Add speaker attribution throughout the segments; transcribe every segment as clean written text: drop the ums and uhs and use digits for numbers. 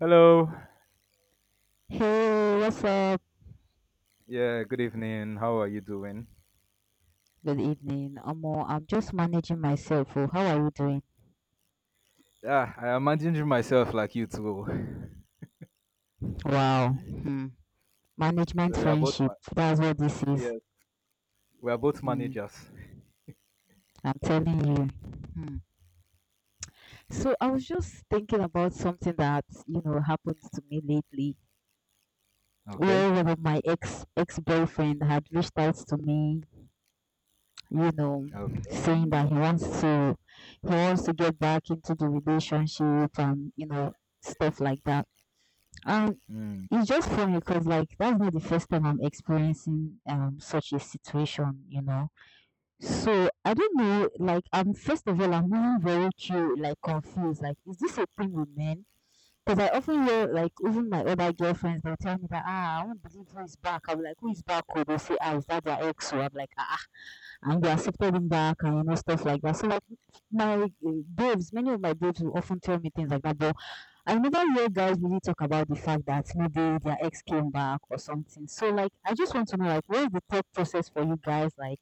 Speaker 1: Hello.
Speaker 2: Hey, what's up?
Speaker 1: Yeah, good evening. How are you doing?
Speaker 2: Good evening. Omo, I'm just managing myself. Oh, how are you doing?
Speaker 1: Yeah, I imagine myself like you too.
Speaker 2: Wow. Hmm. Management
Speaker 1: So we are both
Speaker 2: friendship. That's what this is.
Speaker 1: yes, we are both
Speaker 2: Hmm.
Speaker 1: managers.
Speaker 2: I'm telling you. Hmm. So I was just thinking about something that, you know, happened to me lately,
Speaker 1: Okay.
Speaker 2: where one of my ex boyfriend had reached out to me, you know,
Speaker 1: Okay.
Speaker 2: saying that he wants
Speaker 1: Yeah.
Speaker 2: to get back into the relationship and, you know, stuff like that. Um,
Speaker 1: Hmm.
Speaker 2: it's just funny because, like, that's not the first time I'm experiencing such a situation, you know. So I don't know, like, I'm first of all I'm really very confused. Like, is this a thing with men? Because I often hear, like, even my other girlfriends, they'll tell me that, ah, I won't believe who is back. I'll be like, who is back? Or they'll say, ah, is that their ex? Or I'm like, ah, ah, and they accepted him back and, you know, stuff like that. So, like, my babes, many of my babes will often tell me things like that. But I remember where guys really talk about the fact that maybe their ex came back or something. So, like, I just want to know, like, what is the thought process for you guys? Like,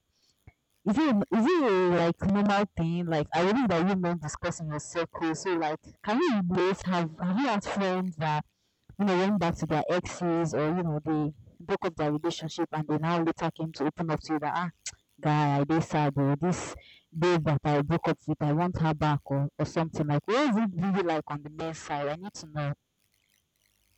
Speaker 2: is it a, like, normal thing? Like, I believe that you men discuss in your circle. So, like, can you both have you had friends that, you know, went back to their exes, or, you know, they broke up their relationship and they now later came to open up to you that, ah, guy, I dey sad, or this babe that I broke up with, I want her back, or something? Like, what is it really like on the men's side? I need to know.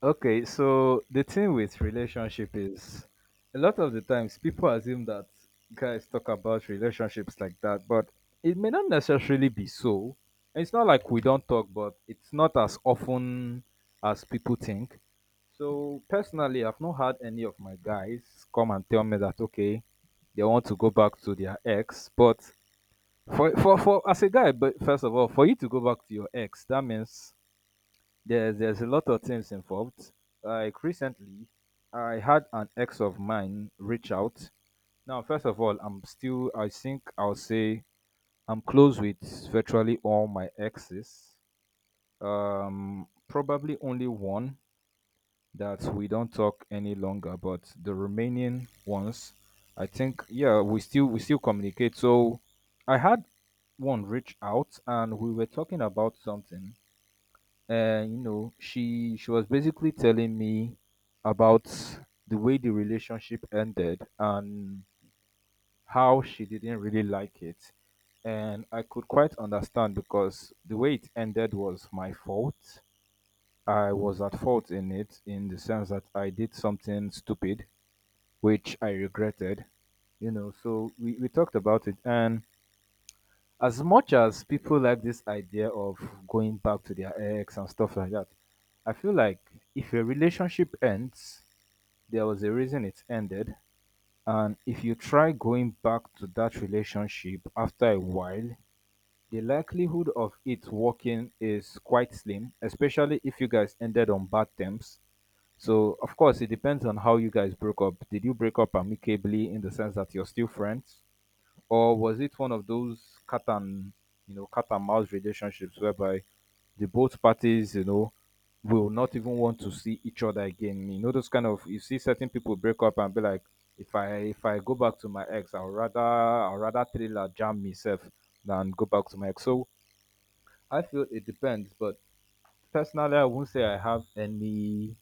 Speaker 1: Okay, so the thing with relationship is a lot of the times people assume that guys talk about relationships like that, but it may not necessarily be so. And it's not like we don't talk, but it's not as often as people think. So personally, I've not had any of my guys come and tell me that okay, they want to go back to their ex. But for as a guy, but first of all, for you to go back to your ex, that means there's a lot of things involved. Like recently, I had an ex of mine reach out. Now, first of all, I'm still. I think I'll say I'm close with virtually all my exes. Probably only one that we don't talk any longer, but the remaining ones, I think, yeah, we still communicate. So, I had one reach out, and we were talking about something, and you know she was basically telling me about the way the relationship ended and how she didn't really like it, and I could quite understand because the way it ended was my fault. I was at fault in it in the sense that I did something stupid which I regretted. You know, so we talked about it, and as much as people like this idea of going back to their ex and stuff like that, I feel like if a relationship ends, there was a reason it ended. And if you try going back to that relationship after a while, the likelihood of it working is quite slim, especially if you guys ended on bad terms. So, of course, it depends on how you guys broke up. Did you break up amicably in the sense that you're still friends? Or was it one of those cat and you know cat and mouse relationships whereby the both parties, you know, will not even want to see each other again. You know, those kind of you see certain people break up and be like, if I go back to my ex, I'll rather thriller jam myself than go back to my ex. So I feel it depends, but personally I won't say I have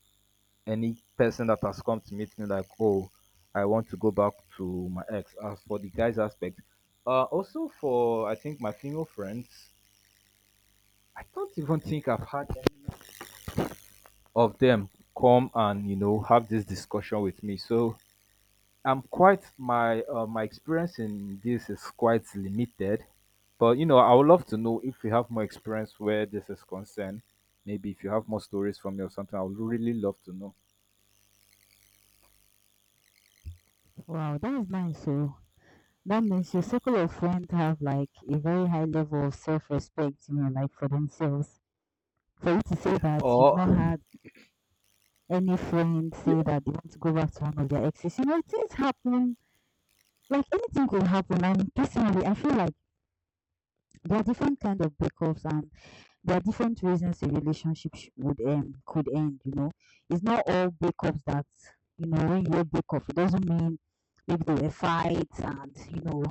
Speaker 1: any person that has come to meet me like, oh, I want to go back to my ex. As for the guys aspect, also for I think my female friends, I don't even think I've had any of them come and you know have this discussion with me. So I'm quite my my experience in this is quite limited, but you know I would love to know if you have more experience where this is concerned. Maybe if you have more stories from me or something, I would really love to know.
Speaker 2: Wow, that is nice. So that means your circle of friends have, like, a very high level of self-respect, you know, like, for themselves. For you to say that you've
Speaker 1: Or
Speaker 2: not had any friend
Speaker 1: yeah,
Speaker 2: say that they want to go back to one of their exes, you know, things happen. Like, anything could happen. And personally, I feel like there are different kind of breakups, and there are different reasons a relationship sh- would end could end, you know. It's not all breakups that, you know, when you hear breakup, it doesn't mean maybe there were fights and, you know,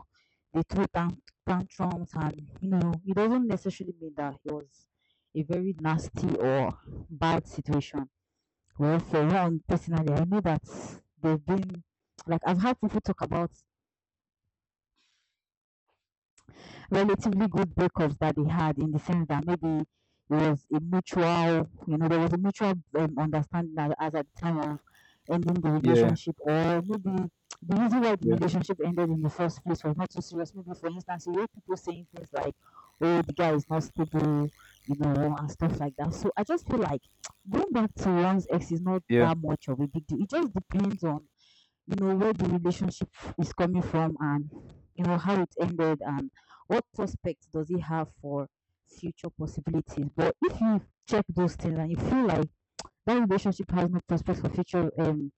Speaker 2: they threw tantrums, and, you know, it doesn't necessarily mean that it was a very nasty or bad situation. Well, for one, personally, I know that they've been, like, I've had people talk about relatively good breakups that they had, in the sense that maybe it was a mutual, you know, there was a mutual understanding as at the time of ending the
Speaker 1: yeah,
Speaker 2: relationship, or maybe the reason why the
Speaker 1: yeah.
Speaker 2: relationship ended in the first place was not so serious. Maybe, for instance, you hear people saying things like, oh, the guy is not stable, you know, and stuff like that. So I just feel like, going back to one's ex is not
Speaker 1: Yeah.
Speaker 2: that much of a big deal. It just depends on, you know, where the relationship is coming from, and, you know, how it ended, and what prospects does it have for future possibilities. But if you check those things and you feel like that relationship has no prospects for future,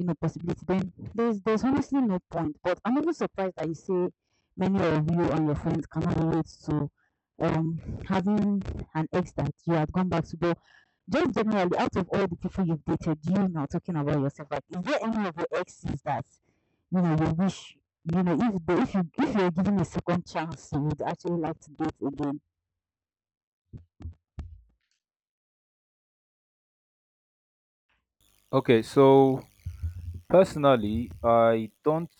Speaker 2: you know, possibility, then there's honestly no point. But I'm even surprised that you say many of you and your friends cannot relate to um having an ex that you had gone back to. But just generally, out of all the people you've dated, you now talking about yourself, like, is there any of your exes that, you know, you wish, you know, if you, if you're given a second chance, you would actually like to date again?
Speaker 1: Okay, so personally, I don't.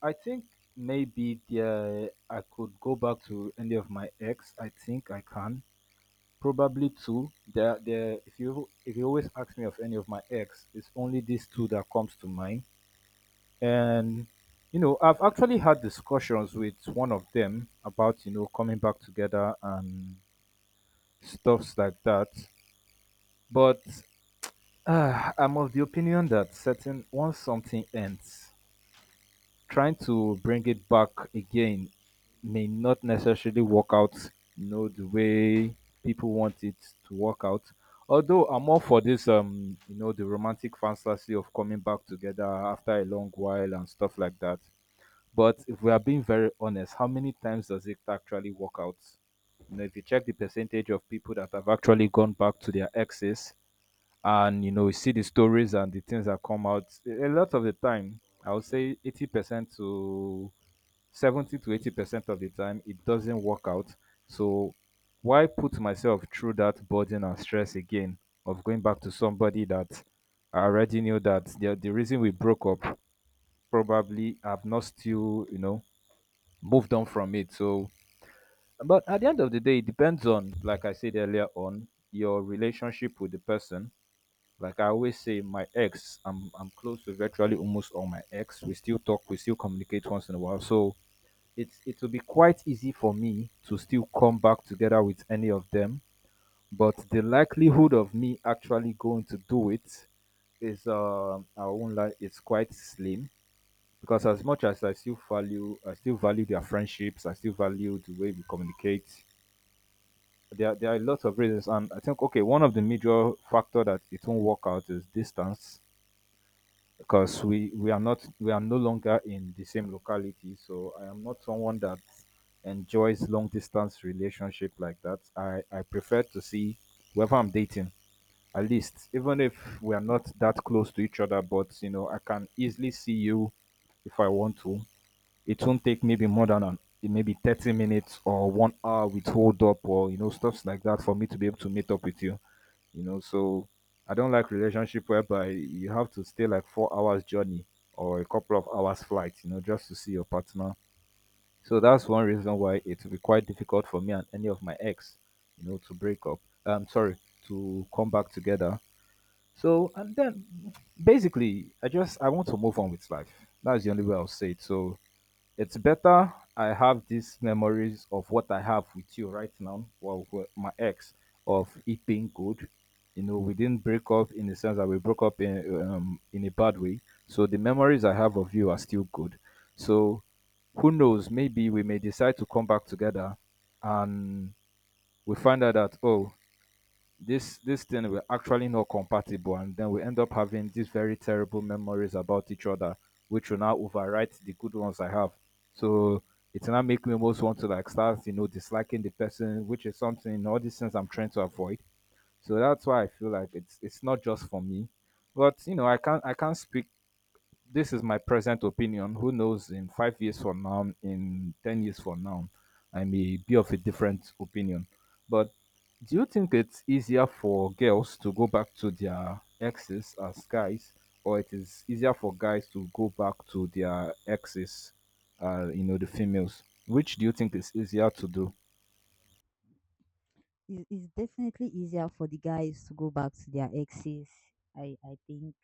Speaker 1: I think maybe there I could go back to any of my ex. I think I can probably two. There, there. If you always ask me of any of my ex, it's only these two that comes to mind. And you know, I've actually had discussions with one of them about you know coming back together and stuffs like that. But I'm of the opinion that certain once something ends, trying to bring it back again may not necessarily work out, you know, the way people want it to work out. Although I'm all for this, you know, the romantic fantasy of coming back together after a long while and stuff like that. But if we are being very honest, how many times does it actually work out? You know, if you check the percentage of people that have actually gone back to their exes, and you know you see the stories and the things that come out a lot of the time, I would say 80% to 70 to 80% of the time it doesn't work out. So why put myself through that burden and stress again of going back to somebody that I already knew that the reason we broke up, probably I've not still you know moved on from it. So but at the end of the day it depends on, like I said earlier on, your relationship with the person. Like I always say, my ex, I'm close to virtually almost all my ex. We still talk, we still communicate once in a while. So it's it will be quite easy for me to still come back together with any of them. But the likelihood of me actually going to do it is I won't lie, it's quite slim. Because as much as I still value their friendships, I still value the way we communicate. There are lots of reasons, and I think okay, one of the major factor that it won't work out is distance, because we are not we are no longer in the same locality. So I am not someone that enjoys long distance relationship like that. I prefer to see whoever I'm dating, at least, even if we are not that close to each other, but you know I can easily see you if I want to. It won't take maybe more than maybe 30 minutes or 1 hour with hold up or you know stuffs like that for me to be able to meet up with you. You know, so I don't like relationship whereby you have to stay like 4 hours journey or a couple of hours flight. You know, just to see your partner. So that's one reason why it will be quite difficult for me and any of my ex, you know, to break up. I'm sorry, to come back together. So and then basically, I just I want to move on with life. That's the only way I'll say it. So it's better I have these memories of what I have with you right now, well, with my ex, of it being good. You know, we didn't break up in the sense that we broke up in a bad way. So the memories I have of you are still good. So who knows? Maybe we may decide to come back together, and we find out that oh, this thing we're actually not compatible, and then we end up having these very terrible memories about each other, which will now overwrite the good ones I have. So it now make me almost want to like start you know disliking the person, which is something, all these things I'm trying to avoid. So that's why I feel like it's not just for me, but you know I can't speak. This is my present opinion. Who knows in 5 years from now, in 10 years from now, I may be of a different opinion. But do you think it's easier for girls to go back to their exes as guys, or it is easier for guys to go back to their exes, you know, the females? Which do you think is easier to do?
Speaker 2: It's definitely easier for the guys to go back to their exes. I think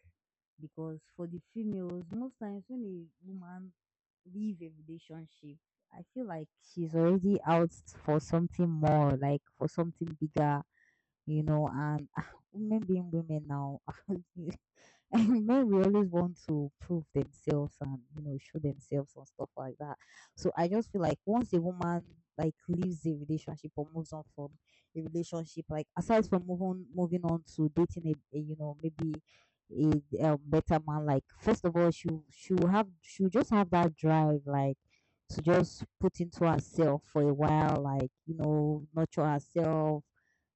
Speaker 2: because for the females, most times when a woman leave a relationship, I feel like she's already out for something more, like, for something bigger, you know. And women being women now, and men, we always want to prove themselves and, you know, show themselves and stuff like that. So I just feel like, once a woman, like, leaves a relationship or moves on from a relationship, like, aside from moving on to dating a, you know, maybe a better man. Like, first of all, she will just have that drive, like, to just put into herself for a while, like, you know, nurture herself,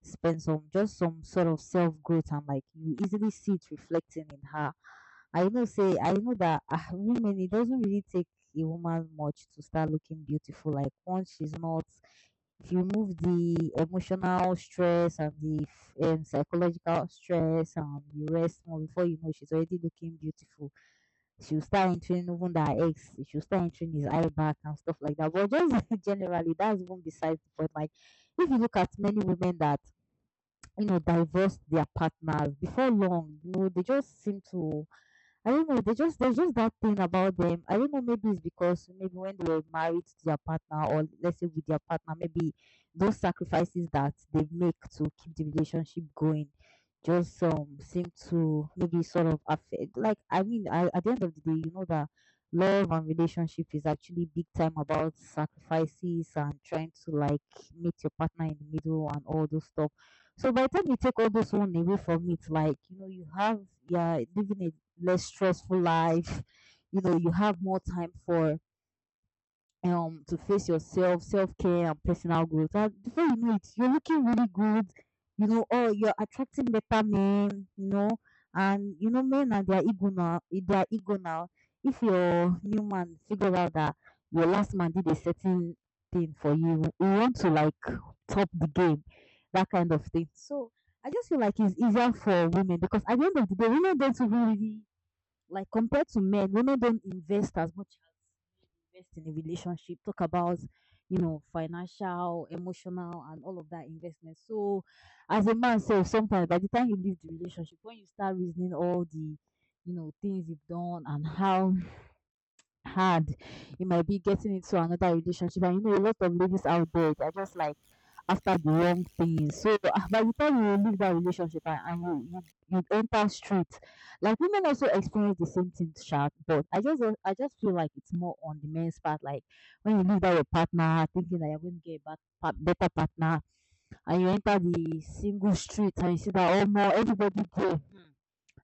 Speaker 2: spend some, just some sort of self growth, and, like, you easily see it reflecting in her. I know say, I know that, women, it doesn't really take a woman much to start looking beautiful. Like, once she's not, it remove the emotional stress and the psychological stress, and you rest more, before you know, she's already looking beautiful. She'll start entering, even that ex, she'll start entering his eye back and stuff like that. But just, generally, that's even besides the point. Like, if you look at many women that, you know, divorced their partners before long, you know, they just seem to, I don't know. They just, there's just that thing about them. I don't know. Maybe it's because, maybe when they were married to their partner, or let's say with their partner, maybe those sacrifices that they make to keep the relationship going just seem to maybe sort of affect. Like, I mean, at the end of the day, you know that love and relationship is actually big time about sacrifices and trying to, like, meet your partner in the middle and all those stuff. So by the time you take all those one away from it, like, you know, you have, yeah, living a less stressful life. You know, you have more time for to face yourself, self care, and personal growth. And before you know it, you're looking really good. You know, oh, you're attracting better men. You know, and, you know, men and their ego now. Their ego now. If your new man figure out that your last man did a certain thing for you, you want to, like, top the game, that kind of thing. So I just feel like it's easier for women because at the end of the day, women don't really, like, compared to men, women don't invest as much as men invest in a relationship. Talk about, you know, financial, emotional, and all of that investment. So, as a man, so sometimes by the time you leave the relationship, when you start reasoning all the, you know, things you've done and how hard. You might be getting into another relationship. And, you know, a lot of ladies out there, they're just, like, after the wrong things. So ah, by the time you leave that relationship and, you you enter street, like, women also experience the same thing, sharp. But I just I just feel like it's more on the men's part. Like, when you leave that your partner, thinking that you're going to get a better partner, and you enter the single street and you see that, oh, more everybody go.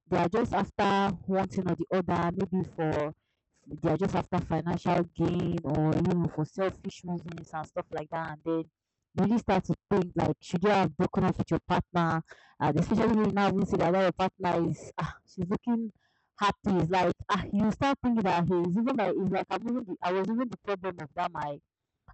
Speaker 2: They are just after one thing or the other, maybe for, they are just after financial gain or, you know, for selfish reasons and stuff like that. And then you really start to think, like, should you have broken up with your partner? And especially when you now even see that your partner is, ah, she's looking happy, it's like, ah, you start thinking that he's even like, it's like, I was even the problem of that my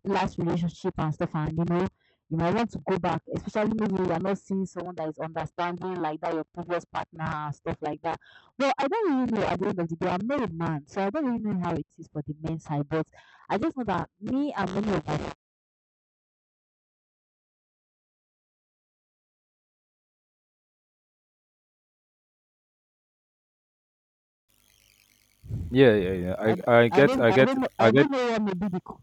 Speaker 2: last relationship and stuff. And, you know, you might want to go back, especially maybe you are not seeing someone that is understanding like that your previous partner, and stuff like that. Well, I don't really know. At the end of the day, I'm not a man, so I don't really know how it is for the men's side. But I just know that me and many of us,
Speaker 1: Yeah, yeah, yeah.
Speaker 2: I, d- i don't know I
Speaker 1: I get.
Speaker 2: don't know what may be the co-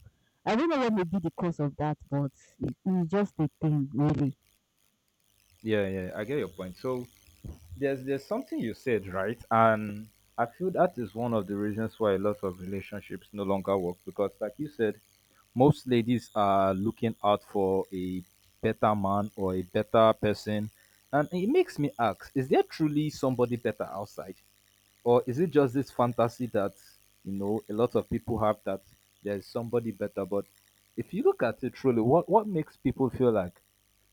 Speaker 2: I don't know what may be the cause of that, but it, it's just a thing really.
Speaker 1: Yeah, yeah. I get your point. So there's something you said right, and I feel that is one of the reasons why a lot of relationships no longer work, because like you said, most ladies are looking out for a better man or a better person, and it makes me ask, is there truly somebody better outside, or is it just this fantasy that, you know, a lot of people have that there's somebody better? But if you look at it truly, what makes people feel like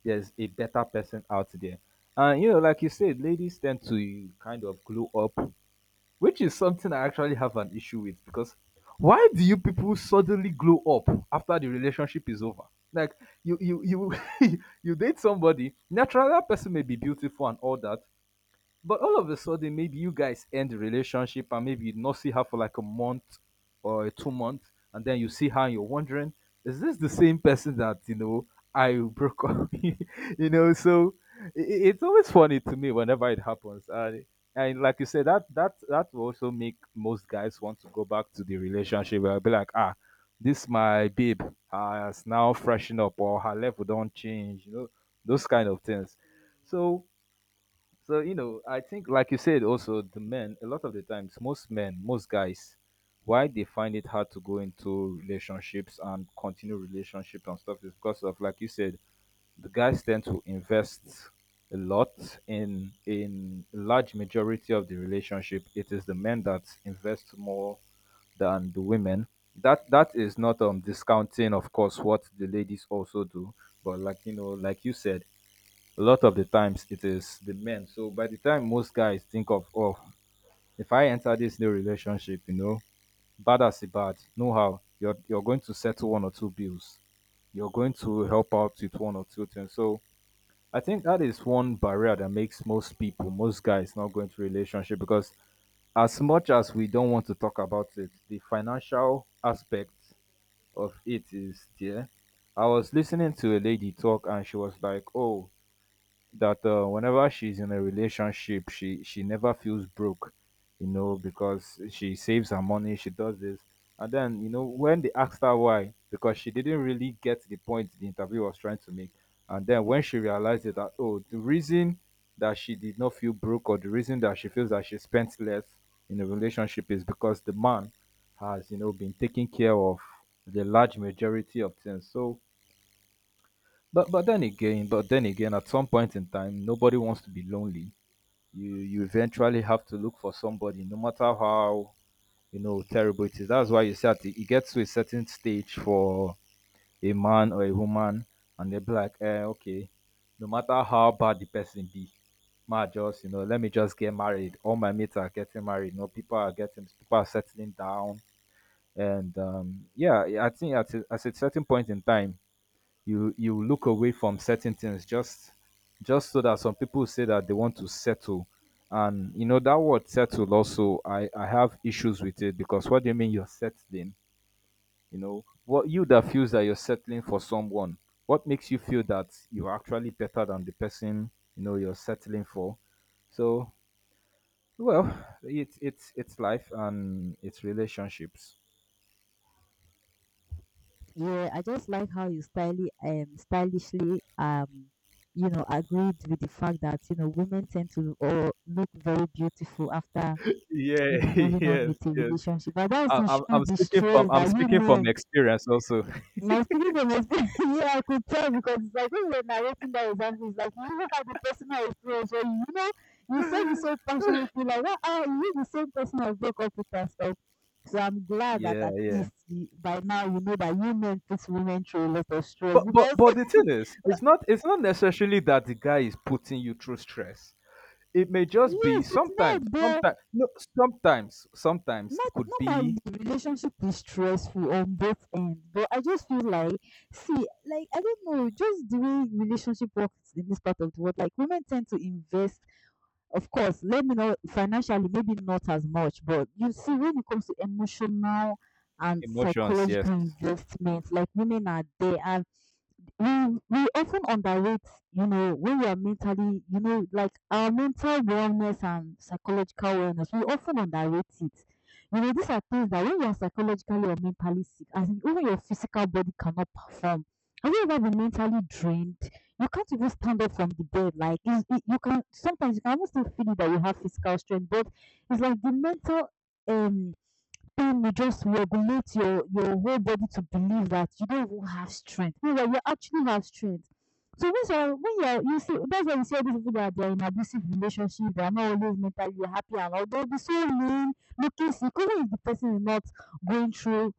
Speaker 1: there's a better person out there? And, you know, like you said, ladies tend to kind of glow up, which is something I actually have an issue with because why do you people suddenly glow up after the relationship is over? Like, you, you, you date somebody, naturally, that person may be beautiful and all that, but all of a sudden, maybe you guys end the relationship and maybe you not see her for like a month or 2 months, and then you see her and you're wondering, is this the same person that you know I broke up? You know, so it's always funny to me whenever it happens. And like you said, that that will also make most guys want to go back to the relationship. Where I'll be like, ah, this my babe has now freshened up or her level don't change. You know, those kind of things. So so you know, I think, like you said, also the men. A lot of the times, most men, most guys, why they find it hard to go into relationships and continue relationships and stuff is because of, like you said, the guys tend to invest a lot in large majority of the relationship. It is the men that invest more than the women. That is not discounting, of course, what the ladies also do. But like you know, like you said a lot of the times it is the men. So by the time most guys think of, oh, if I enter this new relationship, you know, bad as it bad, know how you're going to settle one or two bills. You're going to help out with one or two things. So I think that is one barrier that makes most people, most guys not go into relationship because as much as we don't want to talk about it, the financial aspect of it is there. I was listening to a lady talk and she was like, oh, that whenever she's in a relationship, she never feels broke, you know, because she saves her money, she does this, and then you know when they asked her why, because she didn't really get the point the interview was trying to make, and then when she realized it that oh the reason that she did not feel broke or the reason that she feels that she spent less in a relationship is because the man has you know been taking care of the large majority of things. So But then again, at some point in time, nobody wants to be lonely. You eventually have to look for somebody, no matter how you know terrible it is. That's why you say that it gets to a certain stage for a man or a woman, and they'll be like, eh, okay, no matter how bad the person be, ma just you know, let me just get married. All my mates are getting married. You know, people are getting people are settling down, and yeah, I think at at a certain point in time you look away from certain things just so that some people say that they want to settle. And you know that word settle also I have issues with it. Because what do you mean you're settling? You know what you that feels that you're settling for someone. What makes you feel that you're actually better than the person you know you're settling for? So well, it's it's life and it's relationships.
Speaker 2: Yeah, I just like how you stylishly, you know, agreed with the fact that, you know, women tend to, look very beautiful after, you know,
Speaker 1: Yeah,
Speaker 2: moving on
Speaker 1: yes,
Speaker 2: with a
Speaker 1: yes.
Speaker 2: relationship. But that's
Speaker 1: I,
Speaker 2: to
Speaker 1: I'm,
Speaker 2: show
Speaker 1: I'm
Speaker 2: the
Speaker 1: speaking from
Speaker 2: stress
Speaker 1: i'm
Speaker 2: that you
Speaker 1: speaking from
Speaker 2: men,
Speaker 1: experience also.
Speaker 2: my students. Yeah, I could tell because it's like when you were narrating that example, it's like you even had the personal experience where you said it so passionately, like wow, ah, you the same person I broke up with and stuff. So I'm glad that
Speaker 1: Yeah,
Speaker 2: at
Speaker 1: yeah.
Speaker 2: least you, by now you know that you men put women through a lot of stress
Speaker 1: But but
Speaker 2: because
Speaker 1: but the thing is, it's not necessarily that the guy is putting you through stress. It may just be
Speaker 2: yes, it's
Speaker 1: sometimes,
Speaker 2: not there.
Speaker 1: sometimes no sometimes, sometimes
Speaker 2: Not
Speaker 1: it could
Speaker 2: normally
Speaker 1: be
Speaker 2: relationship is stressful on both ends, but I just feel like see, like I don't know, just the way relationship works in this part of the world, like women tend to invest. Of course, let me know financially, maybe not as much, but you see, when it comes to emotional and
Speaker 1: emotions, yes.
Speaker 2: psychological investments, like women are there, and we often underrate, you know, when we are mentally, you know, like our mental wellness and psychological wellness, we often underrate it. You know, these are things that when you are psychologically or mentally sick, as in even your physical body cannot perform. Have you ever been mentally drained? You can't even stand up from the bed. Like it's, it, you can sometimes you can almost still feel that you have physical strength, but it's like the mental um time you just regulate your whole body to believe that you don't even have strength. Meanwhile, you actually have strength. So when you're when you see that's why you see all these people that they're in abusive relationships, they're not always mentally happy and all they'll be so mean, looking sick, even if the person is not going through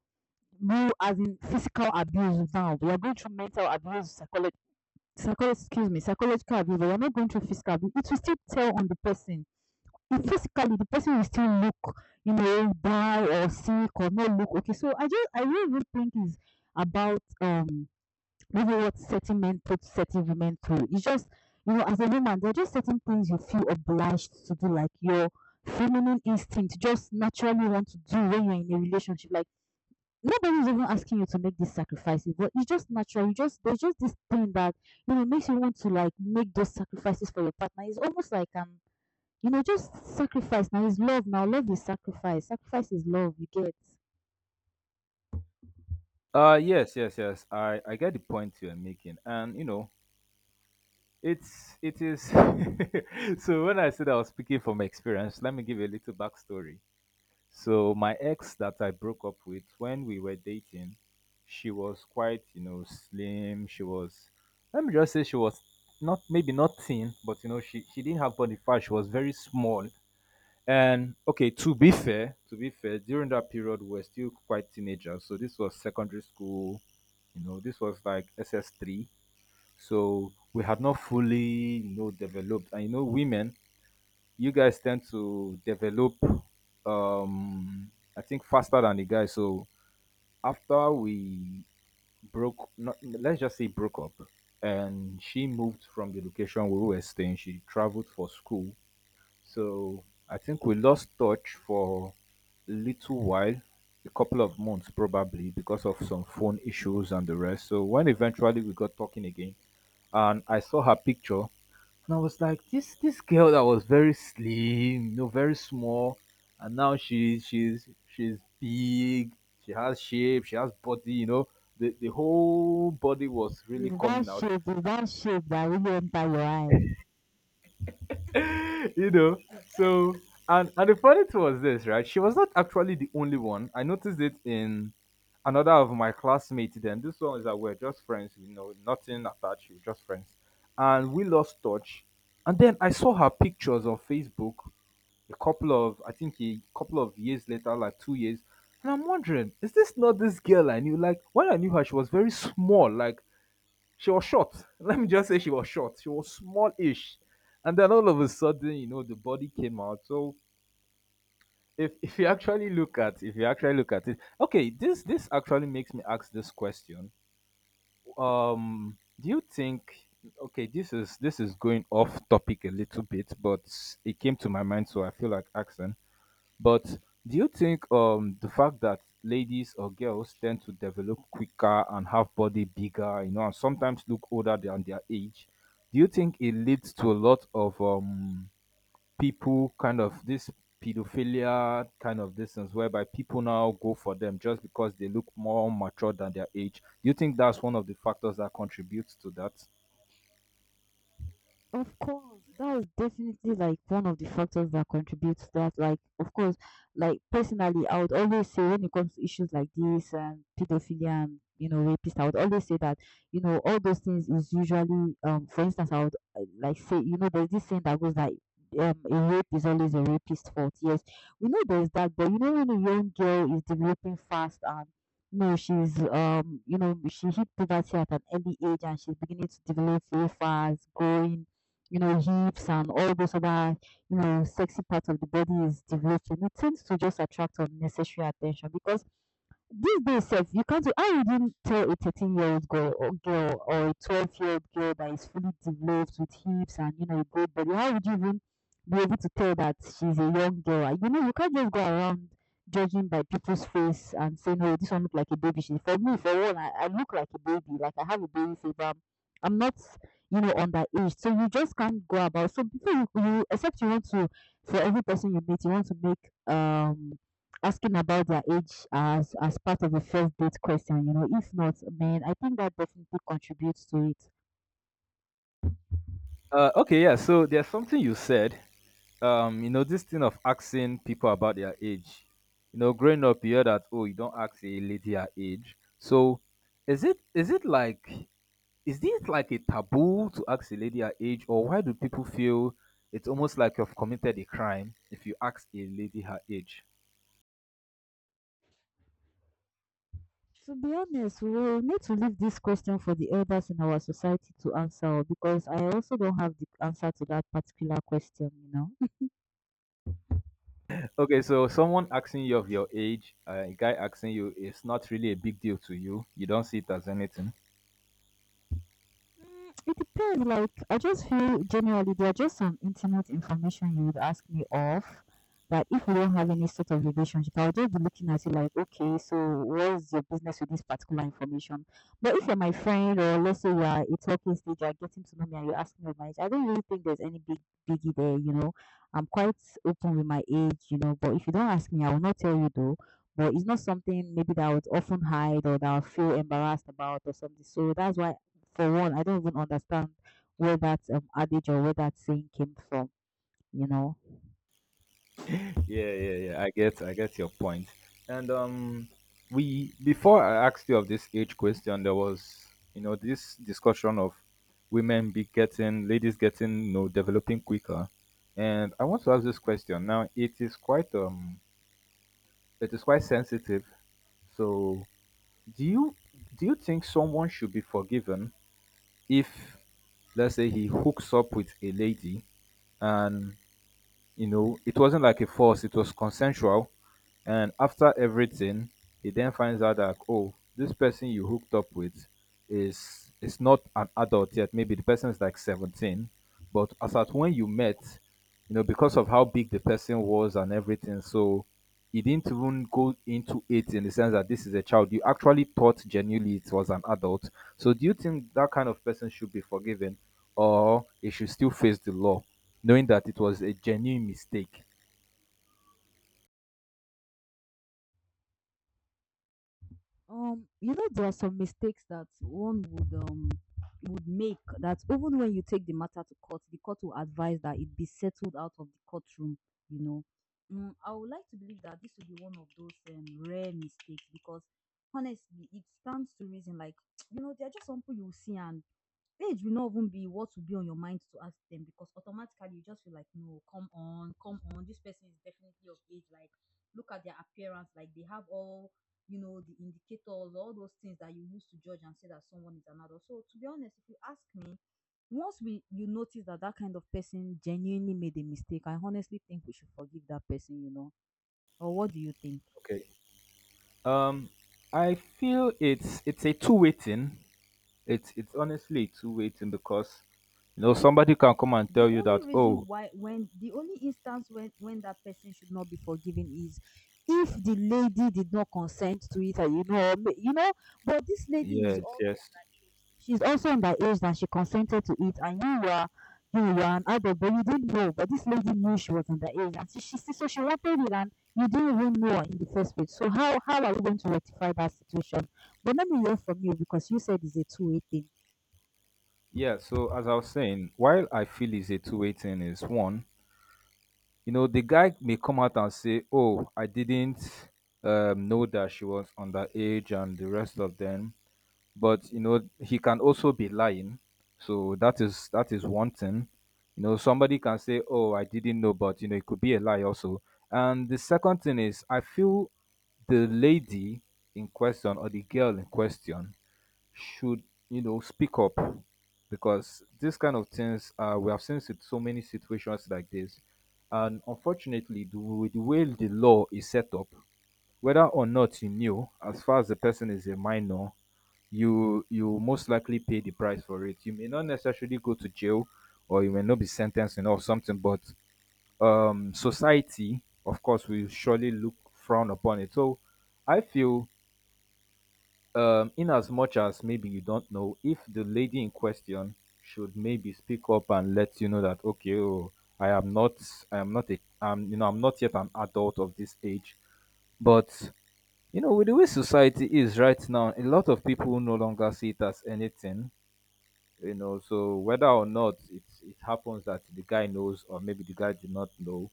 Speaker 2: real as in physical abuse now. We are going through mental abuse, psychological abuse, but we are not going through physical abuse. It will still tell on the person if physically the person will still look, you know, down or sick or not look okay. So I just I really don't think it's about maybe what certain men put certain women through. It's just you know, as a woman, there are just certain things you feel obliged to do, like your feminine instinct just naturally want to do when you're in a relationship. Like nobody's even asking you to make these sacrifices, but it's just natural. You just there's just this thing that you know makes you want to like make those sacrifices for your partner. It's almost like an you know, just sacrifice. Now is love. Now love is sacrifice. Sacrifice is love. You get.
Speaker 1: Yes, yes, yes. I get the point you're making. And you know, it's it is, so when I said I was speaking from experience, let me give you a little backstory. So my ex that I broke up with when we were dating, she was quite, you know, slim. She was, let me just say she was not maybe not thin, but you know, she didn't have body fat. She was very small. And okay, to be fair, during that period we were still quite teenagers. So this was secondary school, you know, this was like SS3. So we had not fully, you know, developed. And you know, women you guys tend to develop um I think faster than the guy. So after we broke, not, let's just say broke up, and she moved from the location where we were staying, she traveled for school. So I think we lost touch for a little while, a couple of months, probably because of some phone issues and the rest. So when eventually we got talking again and I saw her picture, and I was like, this girl that was very slim, you know, very small, and now she's she's big. She has shape. She has body. You know, the whole body was really
Speaker 2: It's that
Speaker 1: coming out.
Speaker 2: shape. It's that shape that will enter your eye.
Speaker 1: You know, so and the funny thing was this, right? She was not actually the only one. I noticed it in another of my classmates. Then this one is that we're just friends. You know, nothing attached. We're just friends, and we lost touch. And then I saw her pictures on Facebook a couple of I think a couple of years later, like 2 years, and I'm wondering, is this not this girl I knew? Like when I knew her, she was very small. Like she was short. Let me just say she was short. She was small-ish, and then all of a sudden, you know, the body came out. So if you actually look at if you actually look at it, okay, this actually makes me ask this question. Do you think? Okay, this is going off topic a little bit, but it came to my mind, so I feel like asking. But do you think the fact that ladies or girls tend to develop quicker and have body bigger, you know, and sometimes look older than their age, do you think it leads to a lot of people kind of this pedophilia kind of distance whereby people now go for them just because they look more mature than their age? Do you think that's one of the factors that contributes to that?
Speaker 2: Of course, that was definitely like one of the factors that contribute to that. Like, of course, like personally, I would always say when it comes to issues like this and pedophilia and you know rapist, I would always say that you know all those things is usually for instance I would like say you know there's this saying that goes like a rape is always a rapist's fault. Yes, we know there's that, but you know when a young girl is developing fast and no, she's you know, she hit puberty at an early age and she's beginning to develop very fast, growing you know, hips and all those other, you know, sexy parts of the body is developing, it tends to just attract unnecessary attention because these days sef, you can't how would you tell a 13-year-old girl or a 12-year-old girl that is fully developed with hips and you know a good body, how would you even be able to tell that she's a young girl? And, you know, you can't just go around judging by people's face and saying, "Oh, this one look like a baby." She, for me, for one, I look like a baby. Like I have a baby fever. I'm not, you know, underage. So you just can't go about. So before you, you except you want to, for every person you meet, you want to make um asking about their age as part of a first date question, you know, if not, man, I think that definitely contributes to it.
Speaker 1: Okay, yeah. So there's something you said. You know, this thing of asking people about their age. You know, growing up, you hear that oh, you don't ask a lady her age. So, is it like is this like a taboo to ask a lady her age, or why do people feel it's almost like you've committed a crime if you ask a lady her age?
Speaker 2: To be honest, we will need to leave this question for the elders in our society to answer because I also don't have the answer to that particular question, you know.
Speaker 1: Okay, so someone asking you of your age, a guy asking you, it's not really a big deal to you. You don't see it as anything.
Speaker 2: It depends. Like, I just feel generally there are just some intimate information you would ask me of that if we don't have any sort of relationship, I'll just be looking at you like, okay, so what's your business with this particular information? But if you're my friend, or let's say we are a talking stage, you're getting to know me, and you ask me of my age, I don't really think there's any big biggie there. You know, I'm quite open with my age. You know, but if you don't ask me, I will not tell you though. But it's not something maybe that I would often hide or that I would feel embarrassed about or something. So that's why for one, I don't even understand where that adage or where that saying came from, you know.
Speaker 1: Yeah, yeah, yeah. I get your point. And we before I asked you of this age question, there was you know this discussion of women be getting, ladies getting, you know, developing quicker. And I want to ask this question now. It is quite sensitive. So, do you do you think someone should be forgiven if, let's say, he hooks up with a lady, and you know, it wasn't like a force, it was consensual. And after everything, he then finds out that oh, this person you hooked up with is not an adult yet. Maybe the person is like 17, but as at when you met, you know, because of how big the person was and everything. So he didn't even go into it in the sense that this is a child. You actually thought genuinely it was an adult. So do you think that kind of person should be forgiven or it should still face the law, knowing that it was a genuine mistake?
Speaker 2: You know, there are some mistakes that one would make that even when you take the matter to court, the court will advise that it be settled out of the courtroom. You know, mm, I would like to believe that this will be one of those rare mistakes because honestly, it stands to reason. Like you know, there are just some people you will see and age will not even be what will be on your mind to ask them because automatically you just feel like no come on this person is definitely of age like look at their appearance like they have all you know the indicators all those things that you use to judge and say that someone is an adult. So to be honest if you ask me once we you notice that that kind of person genuinely made a mistake I honestly think we should forgive that person, you know, or what do you think?
Speaker 1: Okay. Um, I feel it's a two-way thing. It's honestly a two-way thing because you know somebody can come and
Speaker 2: The
Speaker 1: tell you
Speaker 2: only
Speaker 1: that
Speaker 2: reason
Speaker 1: oh
Speaker 2: why when the only instance when that person should not be forgiven is if the lady did not consent to it and you know ma- you know but this lady is
Speaker 1: yes,
Speaker 2: also
Speaker 1: yes.
Speaker 2: she's also underage that she consented to it and you were an adult but you didn't know but this lady knew she was underage and she so she wanted it and you didn't even know in the first place so how are we going to rectify that situation but let me hear from you because you said it's a two-way thing.
Speaker 1: Yeah, so as I was saying, while I feel it's a two-way thing is one, you know, the guy may come out and say, "Oh, I didn't know that she was underage," and the rest of them. But you know he can also be lying. So that is one thing. You know somebody can say oh I didn't know but you know it could be a lie also. And the second thing is I feel the lady in question or the girl in question should, you know, speak up. Because this kind of things, we have seen so many situations like this, and unfortunately the, the way the law is set up, whether or not you knew as far as the person is a minor, you most likely pay the price for it. You may not necessarily go to jail or you may not be sentenced and or something, but society, of course, will surely look frown upon it. So I feel in as much as maybe you don't know, if the lady in question should maybe speak up and let you know that okay, oh, I am not I am not a you know I'm not yet an adult of this age. But you know, with the way society is right now, a lot of people no longer see it as anything. You know so whether or not it happens that the guy knows or maybe the guy did not know,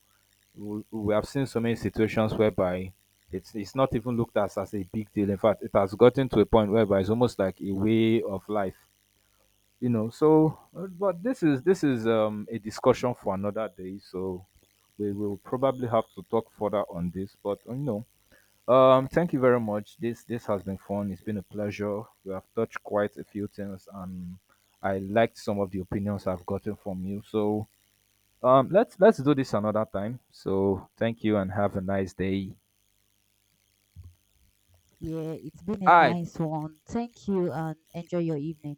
Speaker 1: we have seen so many situations whereby it's not even looked at as a big deal. In fact, it has gotten to a point whereby it's almost like a way of life, you know. So but this is a discussion for another day. So we will probably have to talk further on this, but you know, thank you very much. This has been fun. It's been a pleasure. We have touched quite a few things, and I liked some of the opinions I've gotten from you. So, let's do this another time. So, thank you and have a nice day.
Speaker 2: Yeah, it's been a
Speaker 1: I
Speaker 2: nice one. Thank you and enjoy your evening.